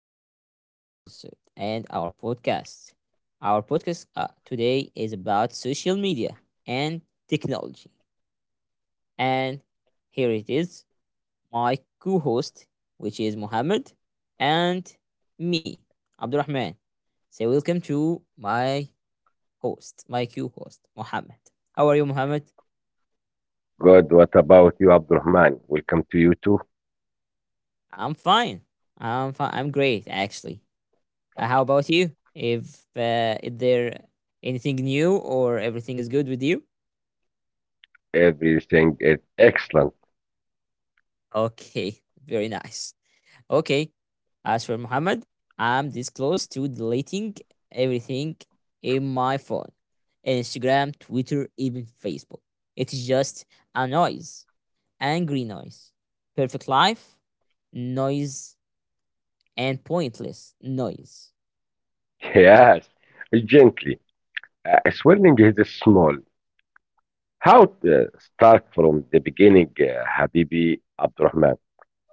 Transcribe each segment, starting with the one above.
to our episode and our podcast. Our podcast today is about social media and technology. And here it is, my co host, which is Mohammed, and me, Abdurrahman. So, welcome to my host, my co host, Mohammed. How are you, Mohammed? Good. What about you, Abdurrahman? Welcome to you too. I'm fine. I'm fine. I'm great, actually. How about you? If Is there anything new or everything is good with you? Everything is excellent. Okay, very nice. Okay, as for Muhammad, I'm this close to deleting everything in my phone. Instagram, Twitter, even Facebook. It's just a noise, angry noise. Perfect life, noise, and pointless noise. Yes, gently. Swelling is small. How to start from the beginning, Habibi Abdurrahman?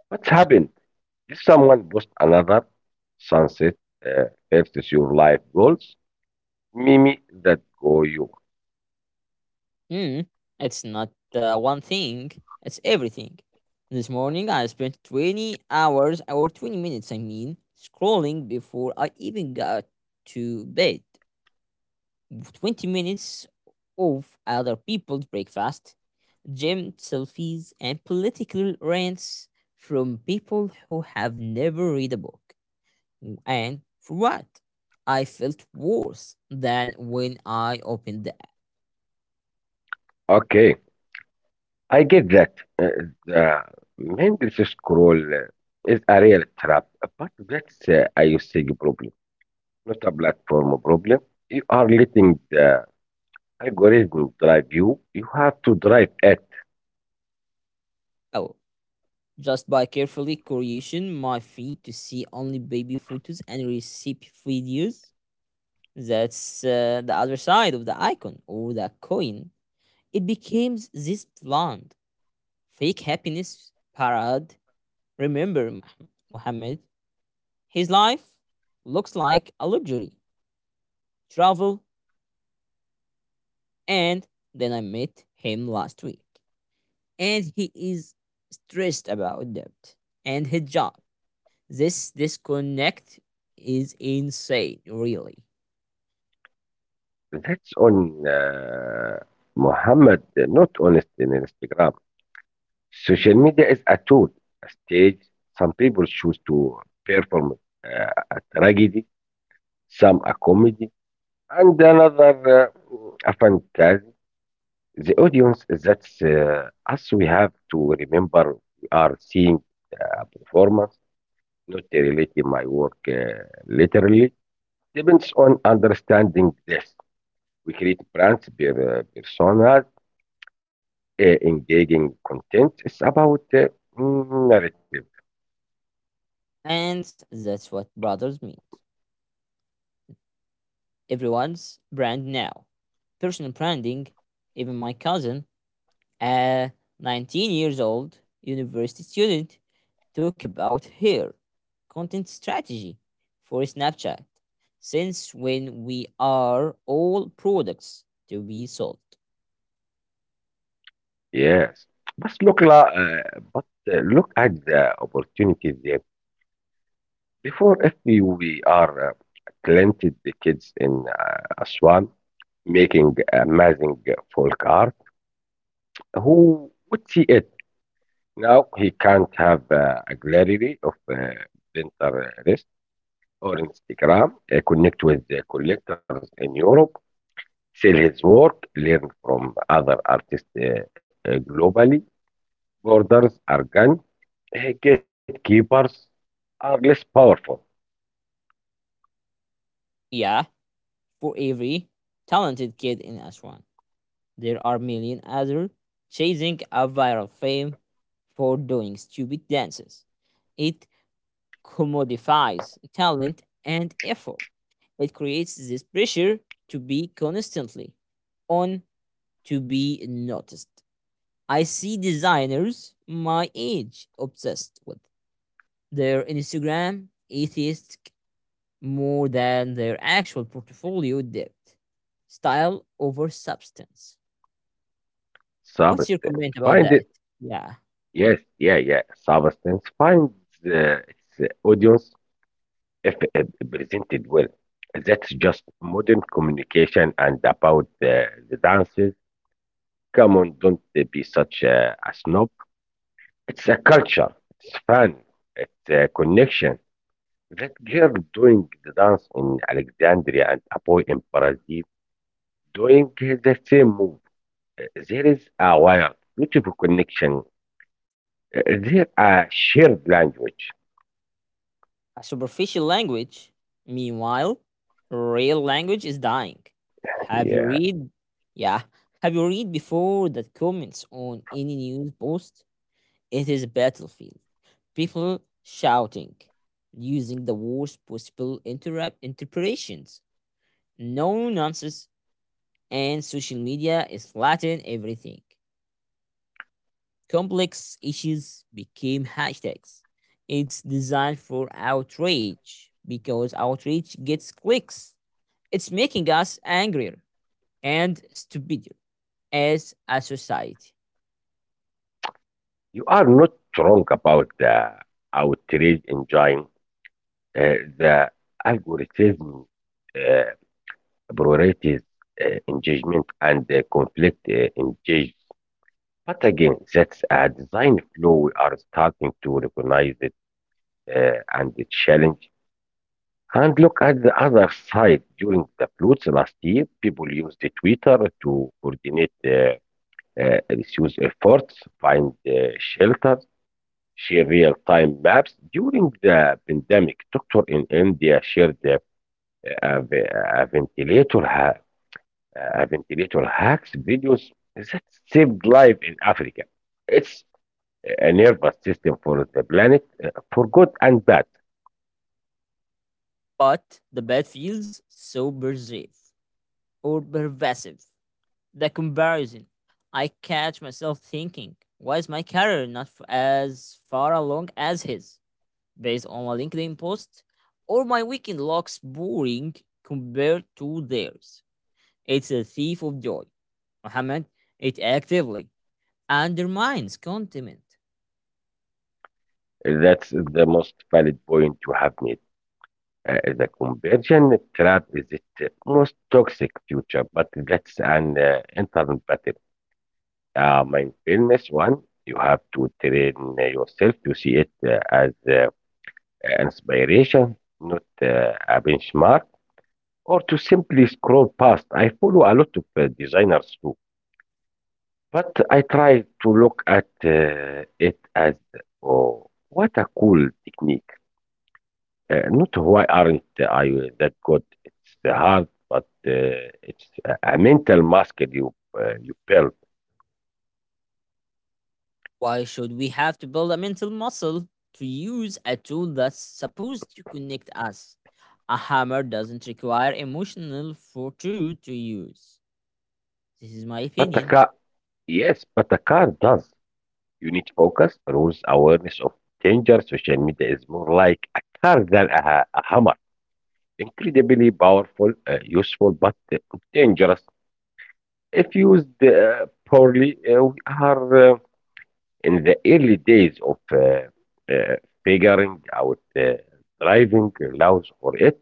What's happened? Did someone post another sunset uh, versus your life goals? Mimi, that go you. Mm, it's not one thing, it's everything. This morning I spent 20 hours, or 20 minutes, I mean, scrolling before I even got to bed. 20 minutes of other people's breakfast, gym selfies, and political rants from people who have never read a book. And for what? I felt worse than when I opened the app. Okay, I get that. Uh, the mindless scroll is a real trap, but that's a usage problem, not a platform problem. You are letting the algorithm drive you. You have to drive it. Oh, just by carefully creation my feed to see only baby photos and recipe videos. That's the other side of the icon or the coin. It becomes this bland, fake happiness parade. Remember, Muhammad, his life looks like a luxury, travel, and then I met him last week. And he is stressed about debt and his job. This disconnect is insane, really. That's on Muhammad, not on in Instagram. Social media is a tool, a stage. Some people choose to perform a tragedy, some a comedy, and another a fantasy. The audience, that's us. We have to remember we are seeing a performance, not relating my work literally. Depends on understanding this. We create brands, personas, uh, engaging content. It's about narrative. And that's what brothers mean. Everyone's brand now. Personal branding, even my cousin, a 19 years old university student, talk about her content strategy for Snapchat since when we are all products to be sold. Yes. But but look at the opportunities there. Before, if we are planted the kids in Aswan making amazing folk art, who would see it? Now he can't have a gallery of Pinterest or Instagram, connect with the collectors in Europe, sell his work, learn from other artists globally. Borders are gone. Gatekeepers are less powerful. Yeah, for every talented kid in Aswan. There are million others chasing a viral fame for doing stupid dances. It commodifies talent and effort. It creates this pressure to be constantly on to be noticed. I see designers my age obsessed with their Instagram aesthetic more than their actual portfolio depth. Style over substance. What's your Substance comment about find that? it. Yeah. Yes, yeah, yeah. Substance finds uh, its audience if presented well. That's just modern communication. And about the dances, come on, don't be such a snob. It's a culture, it's fun, it's a connection. That girl doing the dance in Alexandria and a boy in Brazil doing the same move. There is a wild, beautiful connection. Uh, There a shared language. A superficial language, meanwhile, real language is dying. Have you Yeah, read? Yeah, have you read before that comments on any news post? It is a battlefield. People shouting, using the worst possible interrupt interpretations. No nonsense, and social media is flattening everything. Complex issues became hashtags. It's designed for outrage because outrage gets clicks. It's making us angrier and stupider as a society. you are not wrong about the outrage enjoying the algorithm uh, priorities engagement and conflict engagement. But again, that's a design flaw we are starting to recognize it, and the challenge. And look at the other side. During the floods last year, people used the Twitter to coordinate rescue efforts, find shelters, share real-time maps. During the pandemic, doctor in India shared a, a a ventilator hacks videos that saved life in Africa. It's a nervous system for the planet, for good and bad. But the bad feels so pervasive. The comparison. I catch myself thinking, why is my career not f- as far along as his? Based on my LinkedIn post, or my weekend looks boring compared to theirs. It's a thief of joy. Mohammed, it actively undermines contentment. That's the most valid point you have made. The conversion trap is the most toxic future, but that's an internal battle. Mindfulness one, you have to train yourself to see it as inspiration, not a benchmark, or to simply scroll past. I follow a lot of designers. But I try to look at it as, oh, what a cool technique. Not why aren't I that good? It's hard, but it's a mental mask you build. Why should we have to build a mental muscle to use a tool that's supposed to connect us? A hammer doesn't require emotional fortitude to use. This is my But a opinion. car, yes, but a car does. You need focus, rules, awareness of danger. Social media is more like a car than a hammer. Incredibly powerful, useful, but dangerous. If used poorly, we are. In the early days of uh, figuring out the driving laws for it,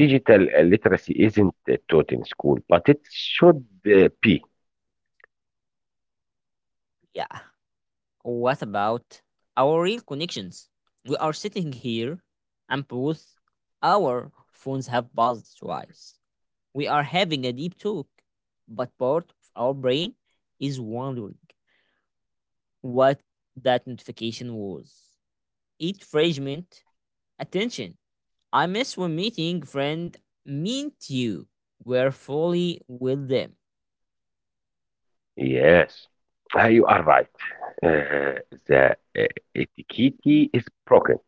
digital literacy isn't taught in school, but it should be. Yeah. What about our real connections? We are sitting here and both our phones have buzzed twice. We are having a deep talk, but part of our brain is wondering what that notification was. It fragment attention. I miss when meeting friend meant you were fully with them, Yes, you are right. Uh, the etiquette is broken,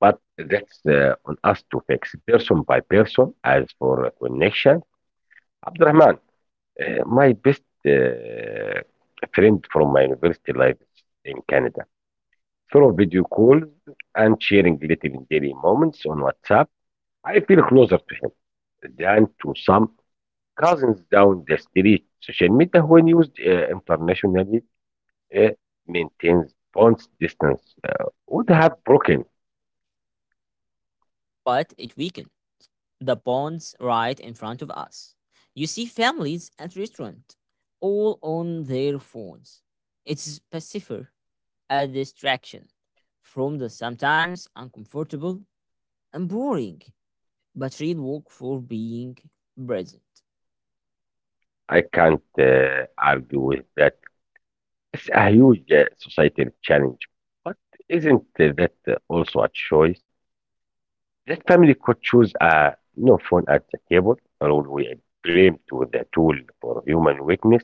but that's on us to fix person by person. As for connection, Abdurrahman, my best friend from my university life in Canada. Through video calls and sharing little daily moments on WhatsApp, I feel closer to him than to some cousins down the street. Social media, when used internationally, uh, maintains bonds distance would have broken. but it weakened. The ponds right in front of us. You see families at restaurant, all on their phones. It's pacifier, a distraction from the sometimes uncomfortable and boring, but real work for being present. I can't argue with that. It's a huge societal challenge, but isn't that also a choice? That family could choose a no phone at the table, or would we blame to the tool for human weakness?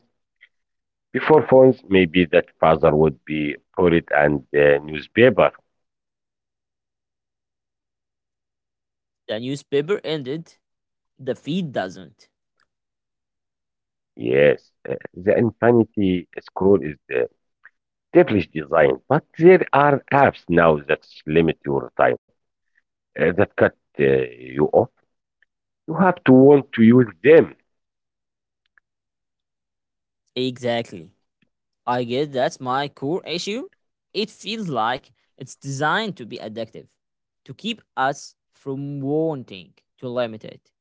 Before phones, maybe that father would be poet and newspaper. The newspaper ended, the feed doesn't. Yes, the infinity scroll is devilish design, but there are apps now that limit your time, that cut you off. You have to want to use them. Exactly. I guess that's my core issue. It feels like it's designed to be addictive, to keep us from wanting to limit it.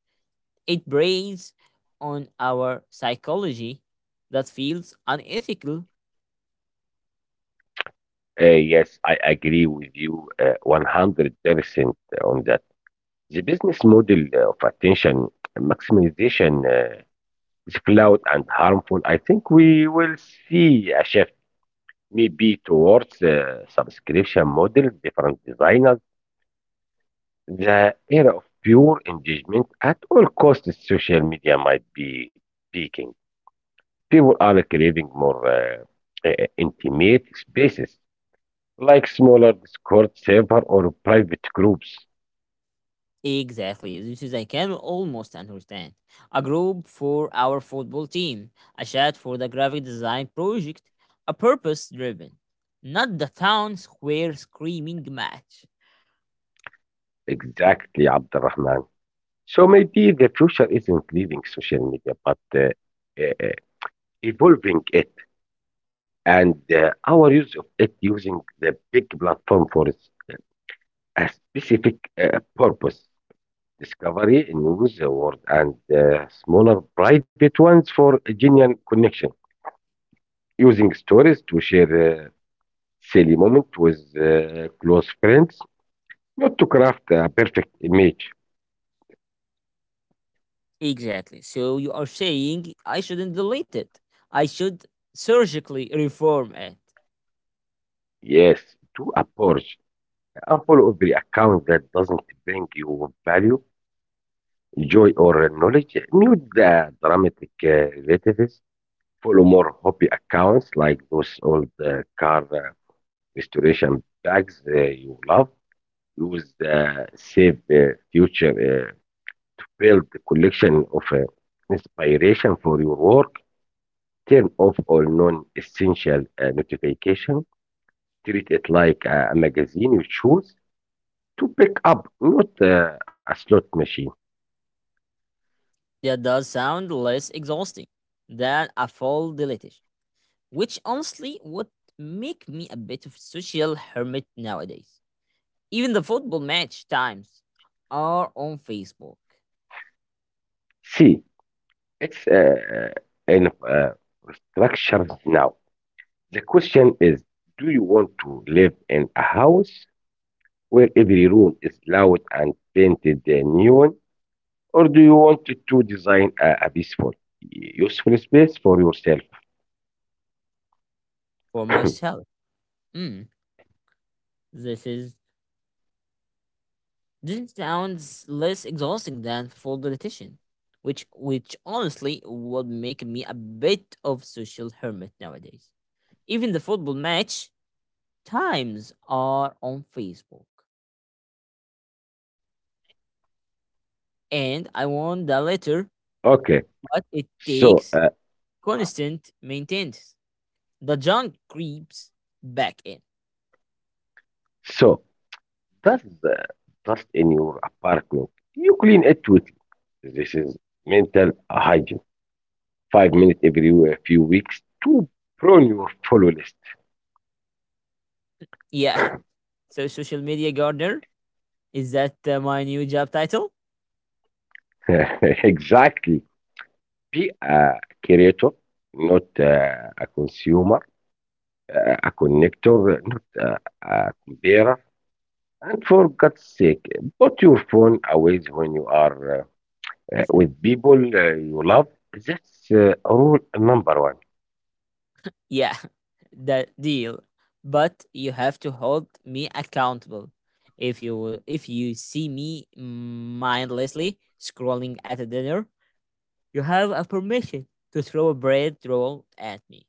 It preys on our psychology that feels unethical. Yes, I agree with you 100% on that. The business model of attention maximization is flawed and harmful. I think we will see a shift maybe towards subscription model, different designers, the era of pure engagement at all costs, social media might be peaking. People are craving more intimate spaces, like smaller Discord server or private groups. Exactly, this is I can almost understand. A group for our football team, a chat for the graphic design project, a purpose driven, not the town square screaming match. Exactly, Abdurrahman. So maybe the future isn't leaving social media, but uh, uh, evolving it and our use of it, using the big platform for its a specific purpose discovery, news, word, and smaller private ones for genuine connection. Using stories to share silly moments with close friends, not to craft a perfect image. Exactly. So you are saying I shouldn't delete it. I should surgically reform it. Yes, to approach. Unfollow every account that doesn't bring you value, joy, or knowledge. Mute the dramatic relatives, follow more hobby accounts like those old car restoration bags you love. Use the save future to build a collection of inspiration for your work. Turn off all non-essential notifications. Treat it like a magazine you choose to pick up, not a slot machine. That does sound less exhausting than a full deletion, which honestly would make me a bit of a social hermit nowadays. Even the football match times are on Facebook See, it's uh, in uh, structures now. The question is, do you want to live in a house where every room is loud and painted neon, or do you want to design a peaceful, useful space for yourself? for myself. Mm, this is this sounds less exhausting than full deletion, which honestly would make me a bit of social hermit nowadays. Even the football match times are on Facebook, and I want the letter, Okay, but it so takes uh, constant maintenance. The junk creeps back in. so does the dust in your apartment? You clean it with, this is mental hygiene. 5 minutes every few weeks to prune your follow list. Yeah. So, social media gardener is that my new job title? Exactly. Be a creator, not a consumer, a connector, not a comparer. And for God's sake, put your phone away when you are with people you love. That's rule number one. Yeah, that deal. But you have to hold me accountable. If you see me mindlessly scrolling at a dinner, you have a permission to throw a bread roll at me.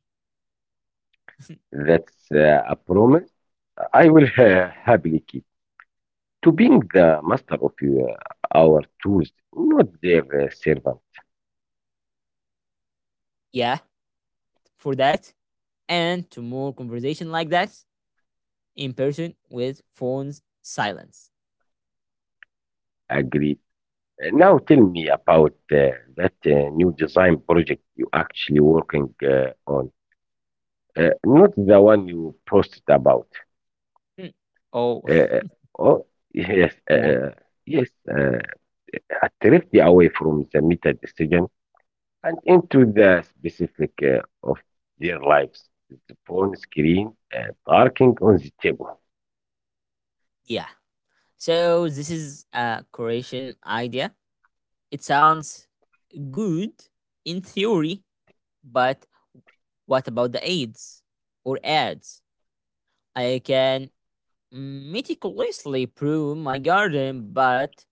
That's a promise I will happily keep. To being the master of your, our tools, not their servant. Yeah, for that and to more conversation like that in person with phones silence. Agreed. Now tell me about that new design project you actually working on. Not the one you posted about. Hmm. Oh Uh, uh, oh, yes, yeah, yes. A drift away from the meta decision and into the specific of their lives. The phone screen, darkening on the table. yeah. So this is a Croatian idea. It sounds good in theory, but what about the AIDS or ads? I can meticulously prune my garden, but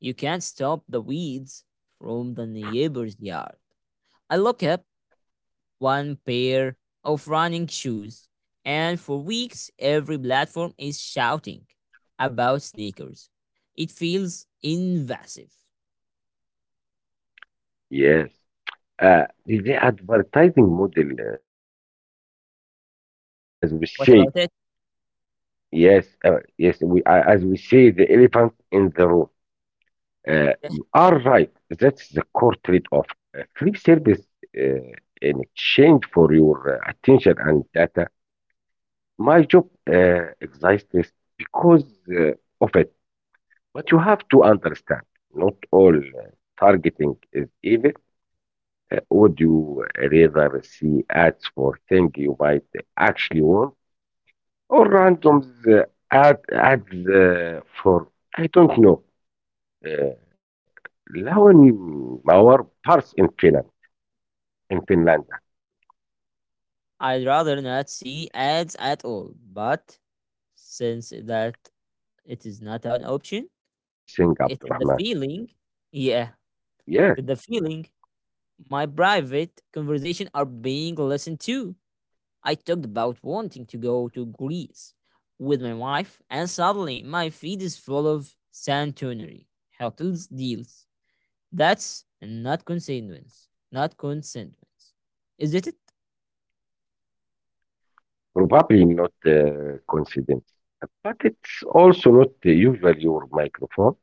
you can't stop the weeds from the neighbor's yard. I look up one pair of running shoes, and for weeks every platform is shouting about sneakers. It feels invasive. Yes. The advertising model, the elephant in the room, as we What say. about it? Yes, yes. We, as we say, the elephant in the room. Yeah, You are right. That's the core trade-off. Free service uh, in exchange for your attention and data. My job exists because uh, of it. But you have to understand, not all targeting is evil. Would you rather see ads for things you might actually want, or yeah. randoms ad ads for I don't know? Uh, Lawn our parts in Finland. I'd rather not see ads at all, but since that it L- is not an Let's option, talk about this thing, it is the Abdurrahman. feeling. Yeah, Yes, it is the feeling. My private conversation are being listened to. I talked about wanting to go to Greece with my wife, and suddenly my feed is full of Santorini hotels deals. That's not coincidence. Not coincidence. Is it? probably not coincidence, but it's also not usual your microphone.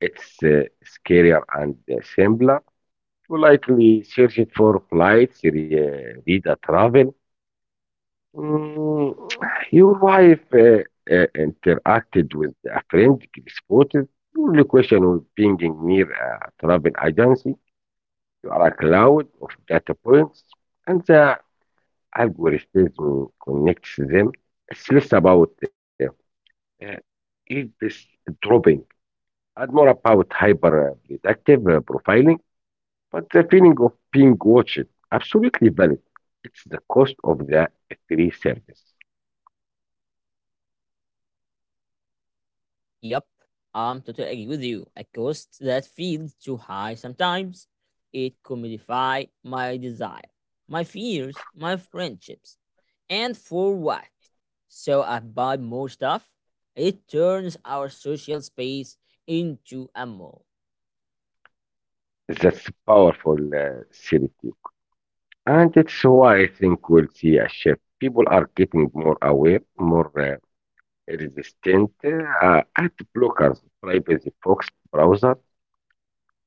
It's scarier and simpler. You likely search it for flights, read a travel. Mm, your wife interacted with a friend, Chris Potter. Only question was being near a travel agency. You are a cloud of data points, and the algorithm connects them. It's less about uh, eavesdropping dropping and more about hyper predictive profiling. But the feeling of being watched, absolutely valid. It's the cost of the free service. Yep, I'm totally agree with you. A cost that feels too high sometimes. It commodifies my desire, my fears, my friendships. And for what? So I buy more stuff. It turns our social space into a mall. That's powerful seriously. And it's why I think we'll see a shift. People are getting more aware, more resistant, ad blockers, privacy focused browser.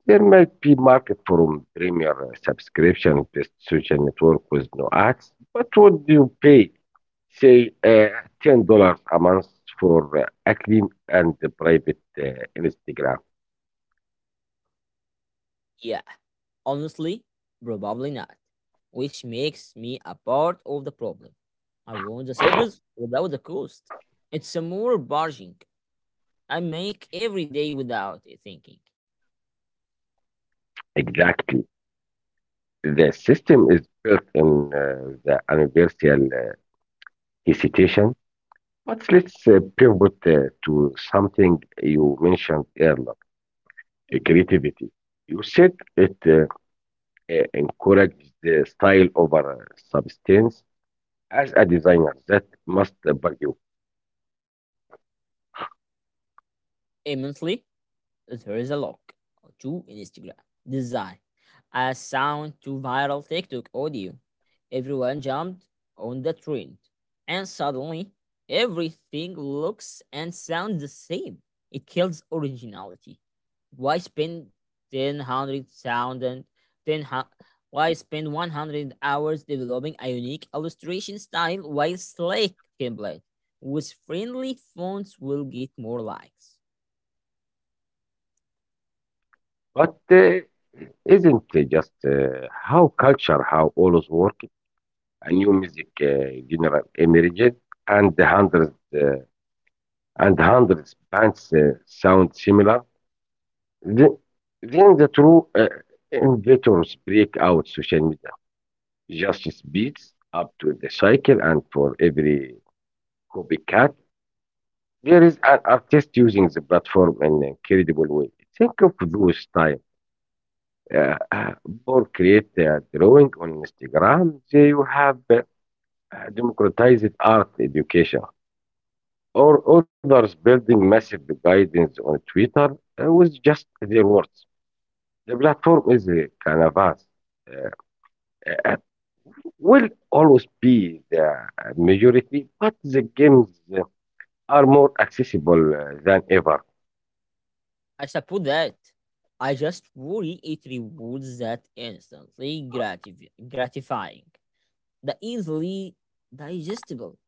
There might be market for premier subscription-based social network with no ads, but would you pay, say, $10 a month for a clean and private Instagram? Yeah, honestly, probably not. Which makes me a part of the problem. I want the service without the cost. It's a more barging. I make every day without thinking. Exactly. The system is built in the universal hesitation, but let's pivot to something you mentioned earlier. Creativity. You said it encourages the style over substance as a designer that must bug you. Immensely, there is a lock to Instagram design. A sound to viral TikTok audio. Everyone jumped on the trend. And suddenly, everything looks and sounds the same. It kills originality. Why spend 10,000, 10, hu- why spend 100 hours developing a unique illustration style while Slack template with friendly fonts will get more likes? But isn't it just how culture, how always work, a new music general emerged and the hundreds and hundreds bands sound similar? Then, then the true inventors break out social media, just speeds up to the cycle, and for every copycat there is an artist using the platform in an incredible way. Think of those time uh, uh, or create a drawing on Instagram. There you have democratized art education, or others building massive guidance on Twitter with just their words. The platform is a canvas. Uh, uh, uh, will always be the majority, but the games uh, are more accessible than ever. I support that. I just worry it rewards that instantly gratifying, the easily digestible.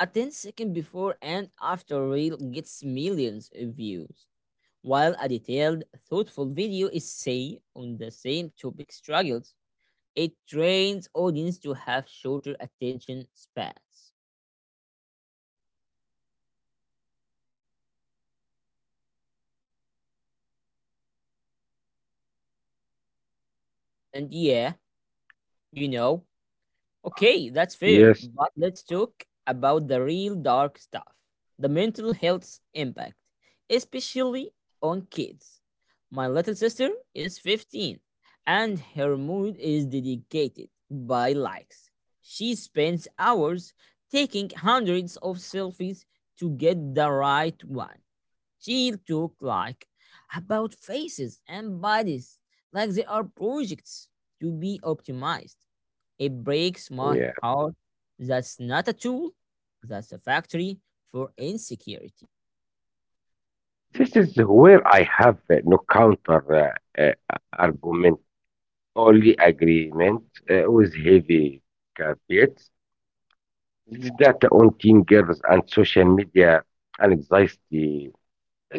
A ten-second before and after reel gets millions of views, while a detailed, thoughtful video is, say, on the same topic struggles. It trains audience to have shorter attention spans. And yeah, you know, okay, that's fair. Yes, But let's talk about the real dark stuff, the mental health impact, especially on kids. My little sister is 15 and her mood is dedicated by likes. She spends hours taking hundreds of selfies to get the right one. She'll talk like about faces and bodies like they are projects to be optimized, it breaks my yeah. heart. That's not a tool, that's a factory for insecurity. This is where I have no counter argument, only agreement with heavy caveats. This data on teen girls and social media and anxiety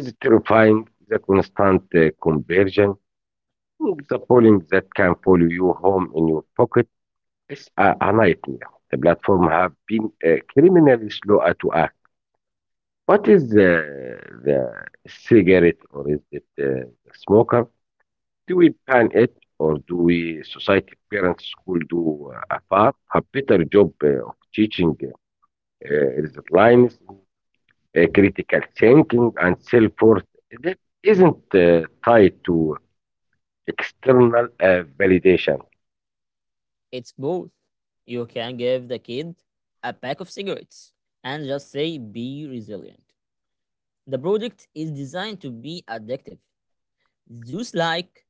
is terrifying. The constant conversion, the polling that can follow you home in your pocket is a nightmare. The platform have been criminally slow at to act. What is the cigarette or is it the smoker? Do we plan it or do we society, parents, school do a far a better job of teaching resilience, critical thinking, and so forth that isn't tied to external validation? It's both. You can give the kid a pack of cigarettes and just say, be resilient. The product is designed to be addictive. Zeus like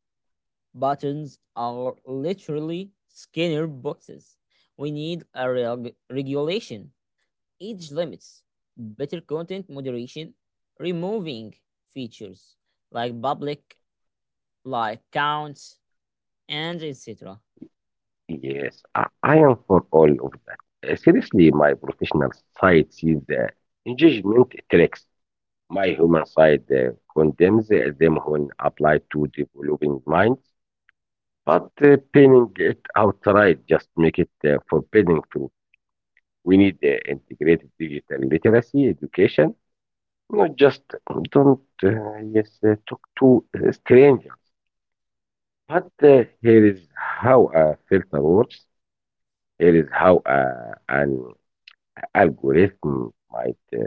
buttons are literally Skinner boxes. We need a regulation, age limits, better content moderation, removing features like public like counts and etc. Yes, I am for all of that. Seriously, my professional side sees the engagement tricks. My human side condemns them when applied to developing minds. But, pinning it outright just make it forbidden to. We need integrated digital literacy education, not just don't yes talk to strangers. But here is how a filter works. Here is how an algorithm might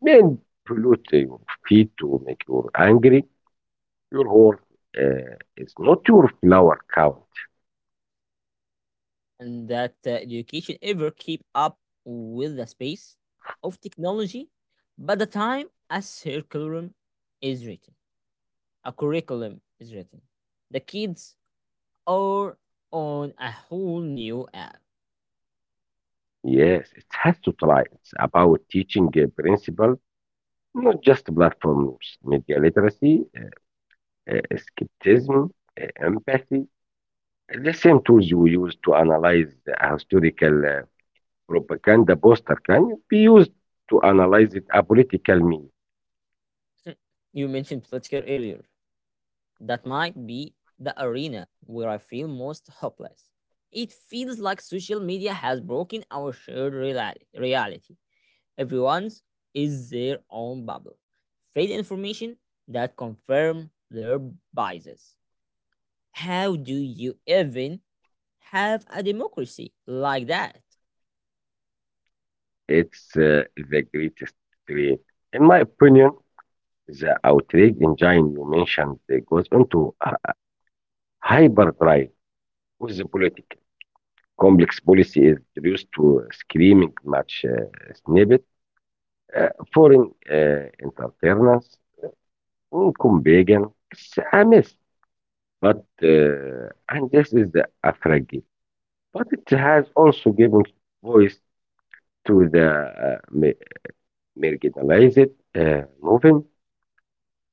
manipulate your feed to make you angry. Your work is not your flower count. And that education ever keep up with the space of technology by the time curriculum is written, a curriculum is written. The kids are on a whole new app. Yes, it has to try. It's about teaching a principle not just platform rules, media literacy, skepticism, empathy, the same tools you use to analyze a historical propaganda poster can be used to analyze it, a political meme. You mentioned political earlier. That might be the arena where I feel most hopeless. It feels like social media has broken our shared reality. Everyone's is their own bubble. Fake information that confirm their biases. How do you even have a democracy like that? It's the greatest trait. In my opinion, the outrage engine you mentioned goes into a hyperdrive with the political. Complex policy is reduced to a screaming match snippet. Eh, Foreign entrepreneurs income began a mess. But and this is a fragile, but it has also given voice to the uh, ma- marginalized movement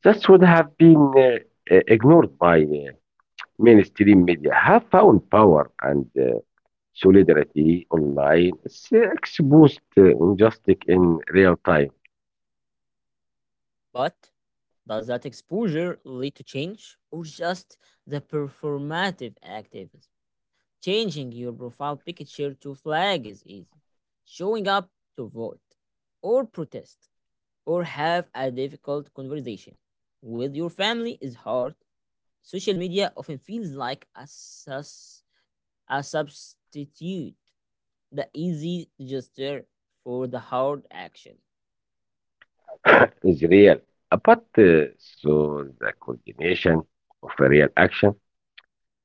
that would have been ignored by mainstream media. Have found power and solidarity online. It's exposed injustice in real time. But does that exposure lead to change or just the performative activism? Changing your profile picture to flag is easy. Showing up to vote or protest or have a difficult conversation with your family is hard. Social media often feels like a substitute, the easy gesture for the hard action. Is real, but so the coordination of a real action.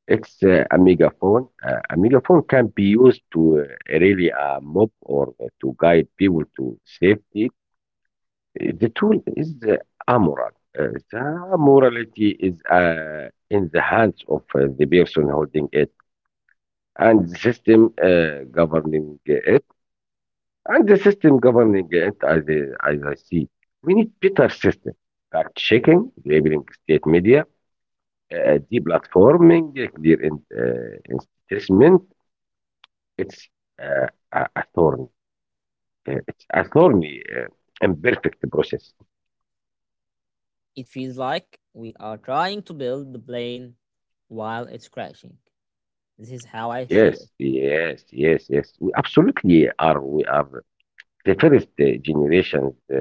It's a megaphone. A megaphone can be used to rally a mob or to guide people to safety. The tool is amoral. Uh, the morality is in the hands of the person holding it, and the system governing it. And the system governing it, as as I see, we need better system. Fact checking, labeling state media, deplatforming, clear in, investment. It's uh, a thorny, uh, it's a thorny, uh, imperfect process. It feels like we are trying to build the plane while it's crashing. This is how I see Yes, it. yes, yes, yes. We absolutely are. We are the first generation uh,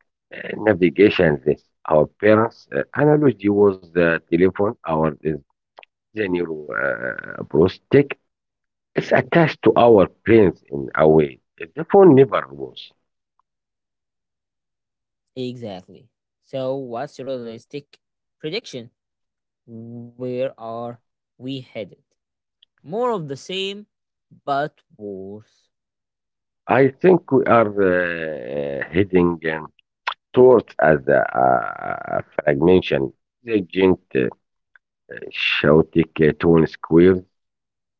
uh, navigation. This our parents' analogy was the telephone. Our is the new prosthetic. It's attached to our brains in a way. The phone never was. Exactly. So, what's your realistic prediction? Where are we headed? More of the same, but worse. I think we are heading towards as a fragmentation. The gent chaotic tone squares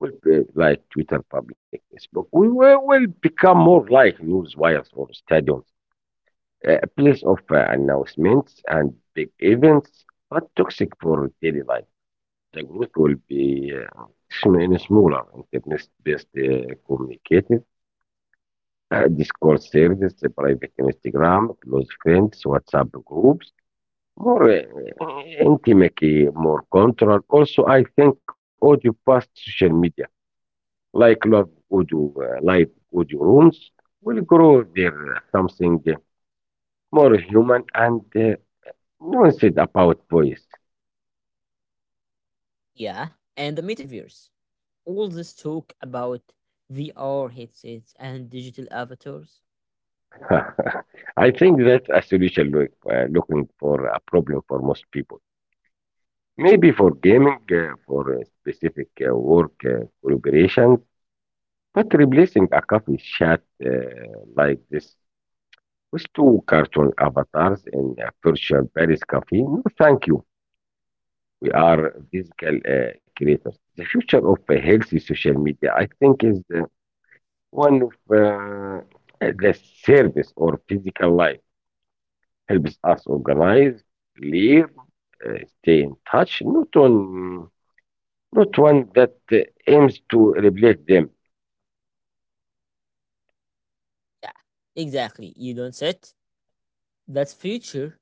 will be like Twitter, public Facebook. We will become more like news wires or stadiums, a place of announcements and big events, but toxic for daily life. The group will be smaller and text-based communicated, Discord service, private Instagram, close friends, WhatsApp groups, more intimacy, more control. Also, I think audio past social media, like live audio rooms, will grow there something more human and nuanced about voice. Yeah, and the metaverse, all this talk about VR headsets and digital avatars. I think that's a solution looking for a problem for most people. Maybe for gaming, for specific work collaborations, but replacing a coffee chat like this with two cartoon avatars in a virtual Paris cafe, no thank you. We are physical creators. The future of healthy social media, I think, is one of the service or physical life. Helps us organize, live, stay in touch, not on not one that aims to replace them. Yeah, exactly. You don't sit. That's future.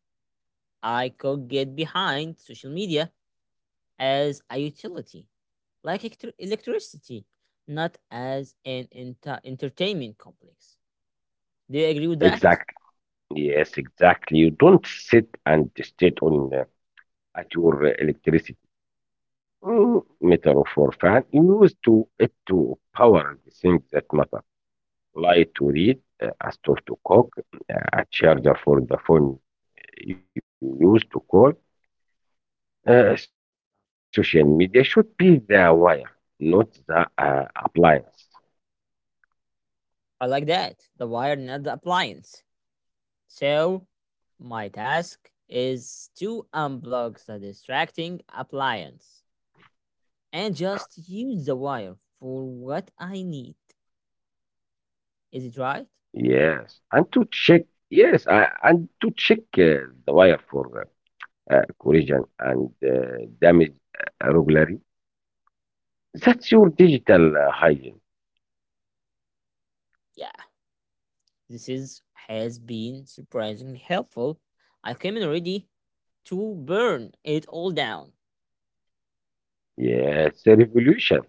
I could get behind social media as a utility, like electricity, not as an entertainment complex. Do you agree with that? Exactly. Yes, exactly. You don't sit and stay on at your electricity meter or for fan. You use to it to power the things that matter. Light to read, a stove to cook, a charger for the phone you use to call. Social media should be the wire, not the appliance. I like that. The wire, not the appliance. So, my task is to unplug the distracting appliance and just use the wire for what I need. Is it right? Yes, and to check, yes, and to check the wire for corrosion and damage regularly. That's your digital hygiene. Yeah, this is has been surprisingly helpful. I came in ready to burn it all down. Yes, the revolution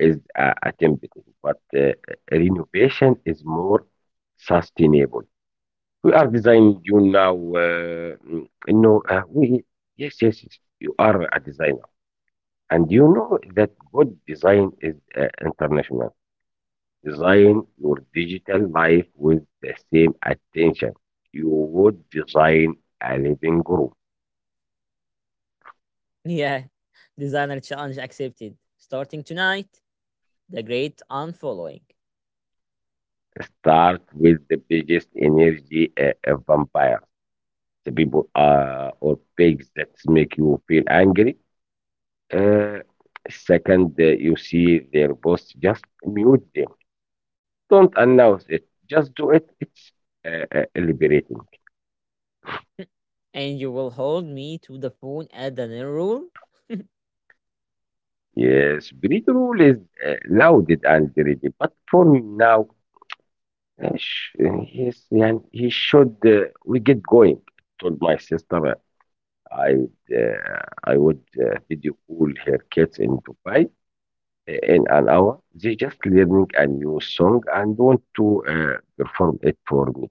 is attempted, but renovation is more sustainable. We are designing you now. Mm, no, we Yes, yes, yes. You are a designer, and you know that good design is international. Design your digital life with the same attention you would design a living room. Yeah, designer challenge accepted. Starting tonight, the great unfollowing. Start with the biggest energy vampire, the people or pigs that make you feel angry. Uh, Second, you see their boss, just mute them. Don't announce it. Just do it. It's liberating. And you will hold me to the phone at the dinner rule. Yes, Breed rule is loud and ready, but for now, Yes, and he should. We get going. Told my sister I I would video call her kids in Dubai in an hour. They just learning a new song and want to perform it for me.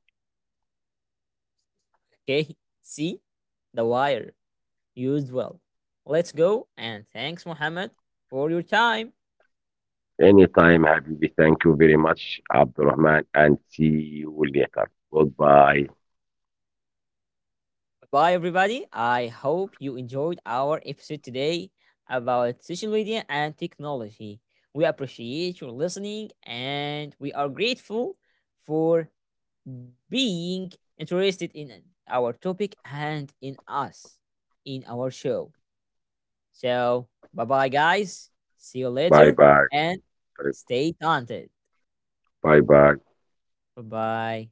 Okay, see? The wire used well. Let's go and thanks, Mohammed, for your time. Anytime, Habibi. Thank you very much, Abdurrahman, and see you later. Goodbye. Bye, everybody. I hope you enjoyed our episode today about social media and technology. We appreciate your listening and we are grateful for being interested in our topic and in us in our show. So, bye bye, guys. See you Bye later bye. and stay talented. Bye bye. Bye bye.